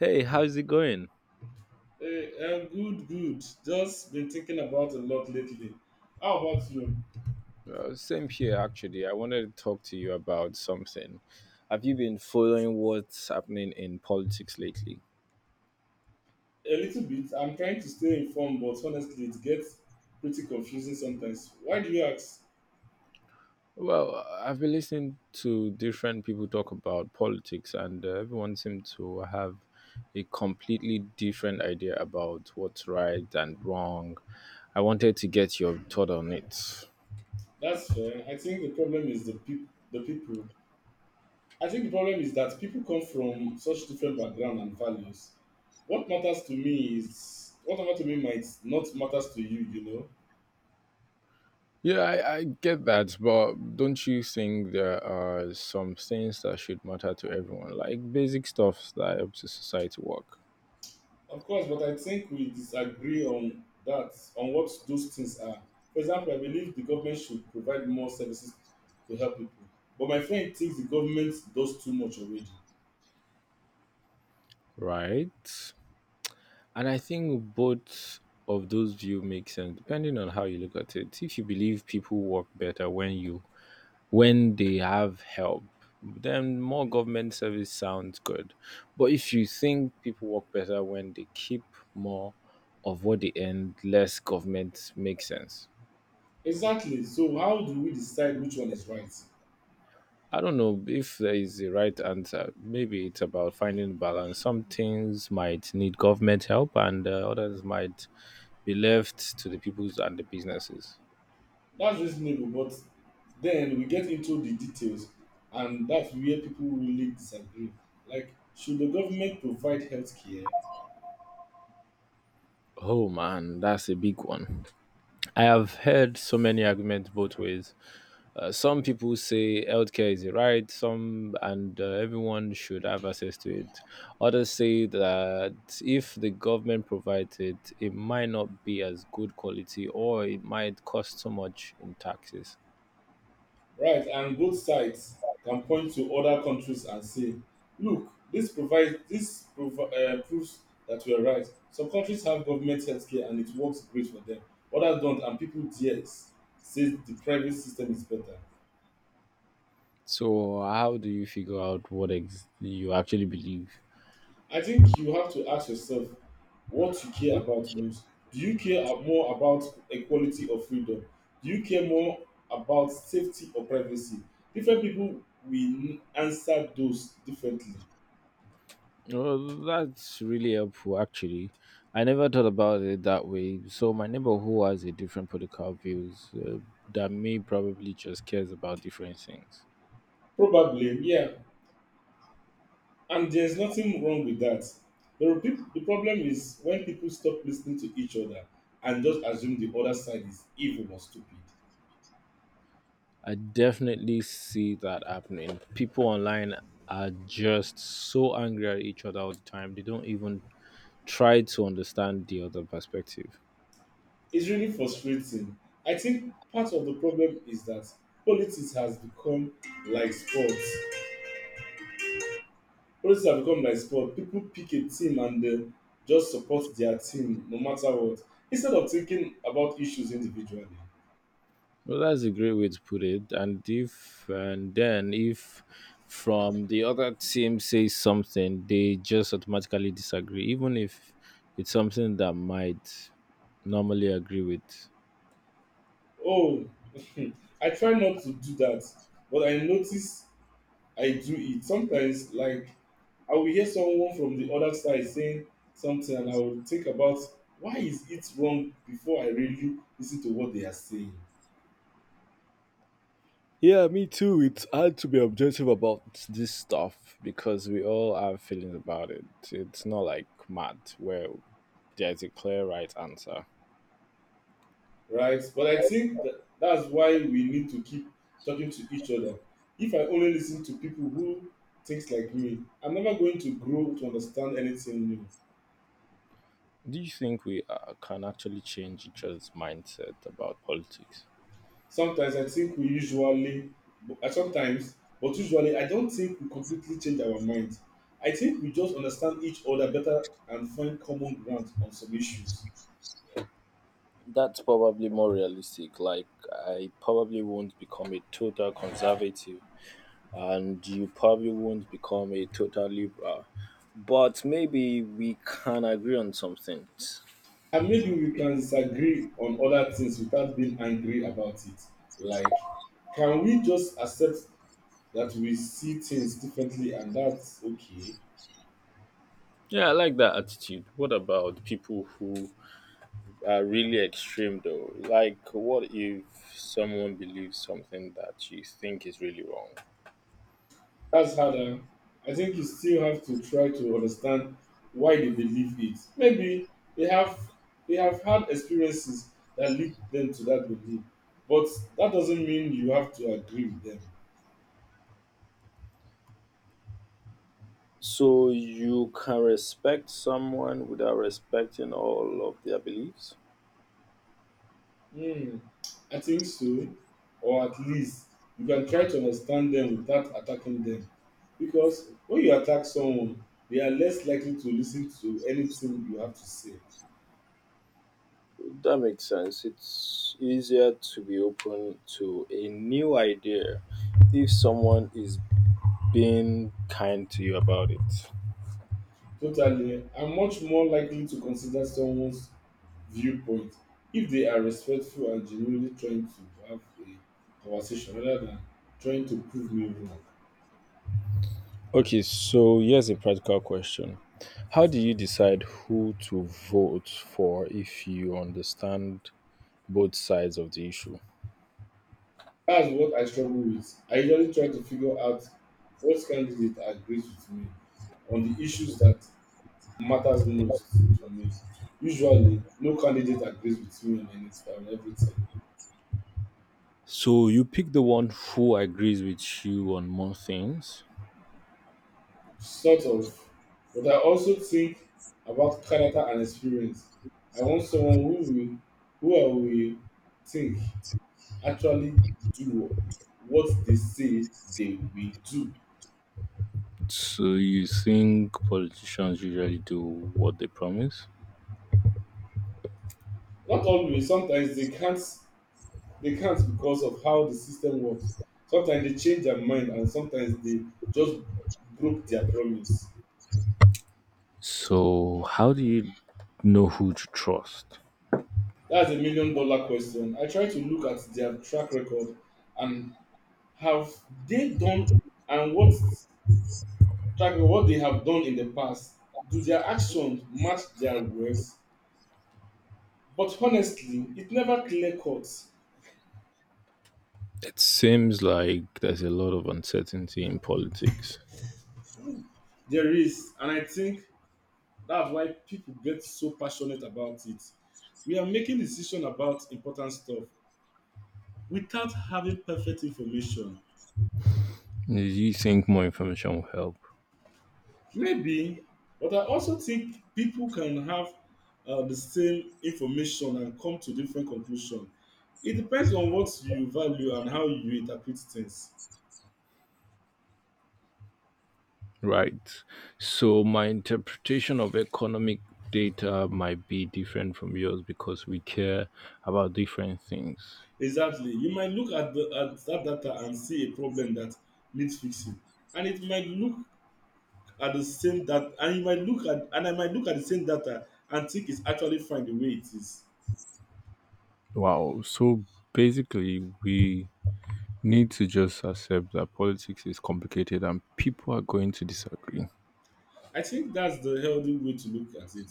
Hey, how's it going? Hey, I good, good. Just been thinking about a lot lately. How about you? Same here, actually. I wanted to talk to you about something. Have you been following what's happening in politics lately? A little bit. I'm trying to stay informed, but honestly, it gets pretty confusing sometimes. Why do you ask? Well, I've been listening to different people talk about politics, and everyone seems to have a completely different idea about what's right and wrong. I wanted to get your thought on it. That's fair. I think the problem is the people. The people. I think the problem is that people come from such different background and values. What matters to me is what matters to me might not matters to you. You know. Yeah, I get that, but don't you think there are some things that should matter to everyone, like basic stuff that helps the society work, Of course, but I think we disagree on that, on what those things are. For example, I believe the government should provide more services to help people. But my friend thinks the government does too much already. right? And I think both of those view make sense depending on how you look at it. If you believe people work better when you when they have help, then more government service sounds good. But if you think people work better when they keep more of what they earn, less government makes sense. Exactly. So how do we decide which one is right? I don't know if there is a right answer. Maybe it's about finding balance. Some things might need government help, and others might be left to the peoples and the businesses. That's reasonable, but then we get into the details and that's where people really disagree. Like, should the government provide healthcare? Oh man, that's a big one. I have heard so many arguments both ways. Some people say healthcare is a right, some and everyone should have access to it. Others say that if the government provides it, it might not be as good quality or it might cost so much in taxes. Right, and both sides can point to other countries and say, look, this provides this prov- proves that we are right. Some countries have government healthcare and it works great for them. Others don't, and people there say the private system is better. So, how do you figure out what you actually believe? I think you have to ask yourself what you care about most. Do you more about equality or freedom? Do you care more about safety or privacy? Different people answer those differently. Well, that's really helpful, actually. I never thought about it that way. So, my neighbor who has a different political views than me probably just cares about different things. Probably, yeah. And there's nothing wrong with that. The problem is when people stop listening to each other and just assume the other side is evil or stupid. I definitely see that happening. People online are just so angry at each other all the time. They don't even try to understand the other perspective. It's really frustrating. I think part of the problem is that politics has become like sports. Politics have become like sport. People pick a team and just support their team no matter what, instead of thinking about issues individually. Well, that's a great way to put it. And then if from the other team says something, they just automatically disagree, even if it's something that might normally agree with. Oh, I try not to do that, but I notice I do it. Sometimes, like, I will hear someone from the other side saying something, and I will think about why is it wrong before I really listen to what they are saying, Yeah, me too. It's hard to be objective about this stuff because we all have feelings about it. It's not like math where there's a clear right answer. right? But I think that's why we need to keep talking to each other. If I only listen to people who thinks like me, I'm never going to grow to understand anything new. Do you think we can actually change each other's mindset about politics? Sometimes I think we usually, but sometimes but usually I don't think we completely change our mind. I think we just understand each other better and find common ground on some issues. That's probably more realistic. Like, I probably won't become a total conservative, and you probably won't become a total liberal. But maybe we can agree on some things. And maybe we can disagree on other things without being angry about it. Like, can we just accept that we see things differently and that's okay? Yeah, I like that attitude. What about people who are really extreme though? Like, what if someone believes something that you think is really wrong? That's harder. I think you still have to try to understand why they believe it. Maybe they have they have had experiences that lead them to that belief, but that doesn't mean you have to agree with them. So you can respect someone without respecting all of their beliefs? Hmm, I think so, or at least you can try to understand them without attacking them, because when you attack someone, they are less likely to listen to anything you have to say. That makes sense. It's easier to be open to a new idea if someone is being kind to you about it. Totally. I'm much more likely to consider someone's viewpoint if they are respectful and genuinely trying to have a conversation rather than trying to prove me wrong. Okay, so here's a practical question. How do you decide who to vote for if you understand both sides of the issue? That's what I struggle with. I usually try to figure out what candidate agrees with me on the issues that matters most to me. Usually, no candidate agrees with me on anything, on everything. So you pick the one who agrees with you on more things. Sort of. But I also think about character and experience. I want someone who I will think actually do what they say they will do. So you think politicians usually do what they promise. Not always. Sometimes they can't. They can't because of how the system works. Sometimes they change their mind, and sometimes they just broke their promise. So how do you know who to trust? That's a million dollar question. I try to look at their track record and have they done and what tracking what they have done in the past. Do their actions match their words? But honestly, it never clear cut. It seems like there's a lot of uncertainty in politics. There is, and I think that's why people get so passionate about it. We are making decisions about important stuff without having perfect information. Do you think more information will help? Maybe, but I also think people can have the same information and come to different conclusions. It depends on what you value and how you interpret things. Right. So my interpretation of economic data might be different from yours because we care about different things. Exactly. You might look at the at that data and see a problem that needs fixing. And it might look at the same that and you might look at and I might look at the same data and think it's actually fine the way it is. Wow. So basically, we need to just accept that politics is complicated and people are going to disagree. I think that's the healthy way to look at it.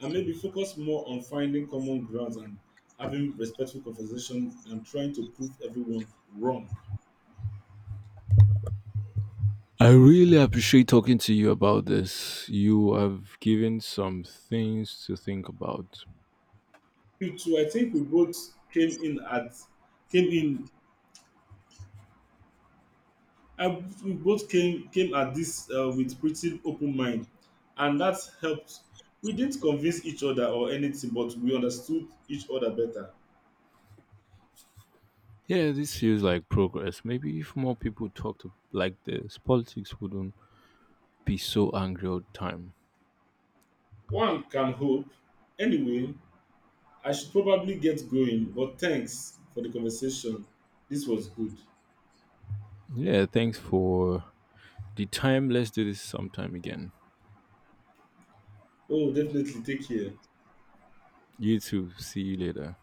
And maybe focus more on finding common grounds and having respectful conversation than trying to prove everyone wrong. I really appreciate talking to you about this. You have given some things to think about. You too, I think came in at came in I, we both came at this with pretty open mind, and that helped. We didn't convince each other or anything, but we understood each other better. Yeah, this feels like progress. Maybe if more people talked like this, politics wouldn't be so angry all the time. One can hope. Anyway, I should probably get going, but thanks for the conversation. This was good. Yeah, thanks for the time. Let's do this sometime again. Oh, definitely take care. You too. See you later.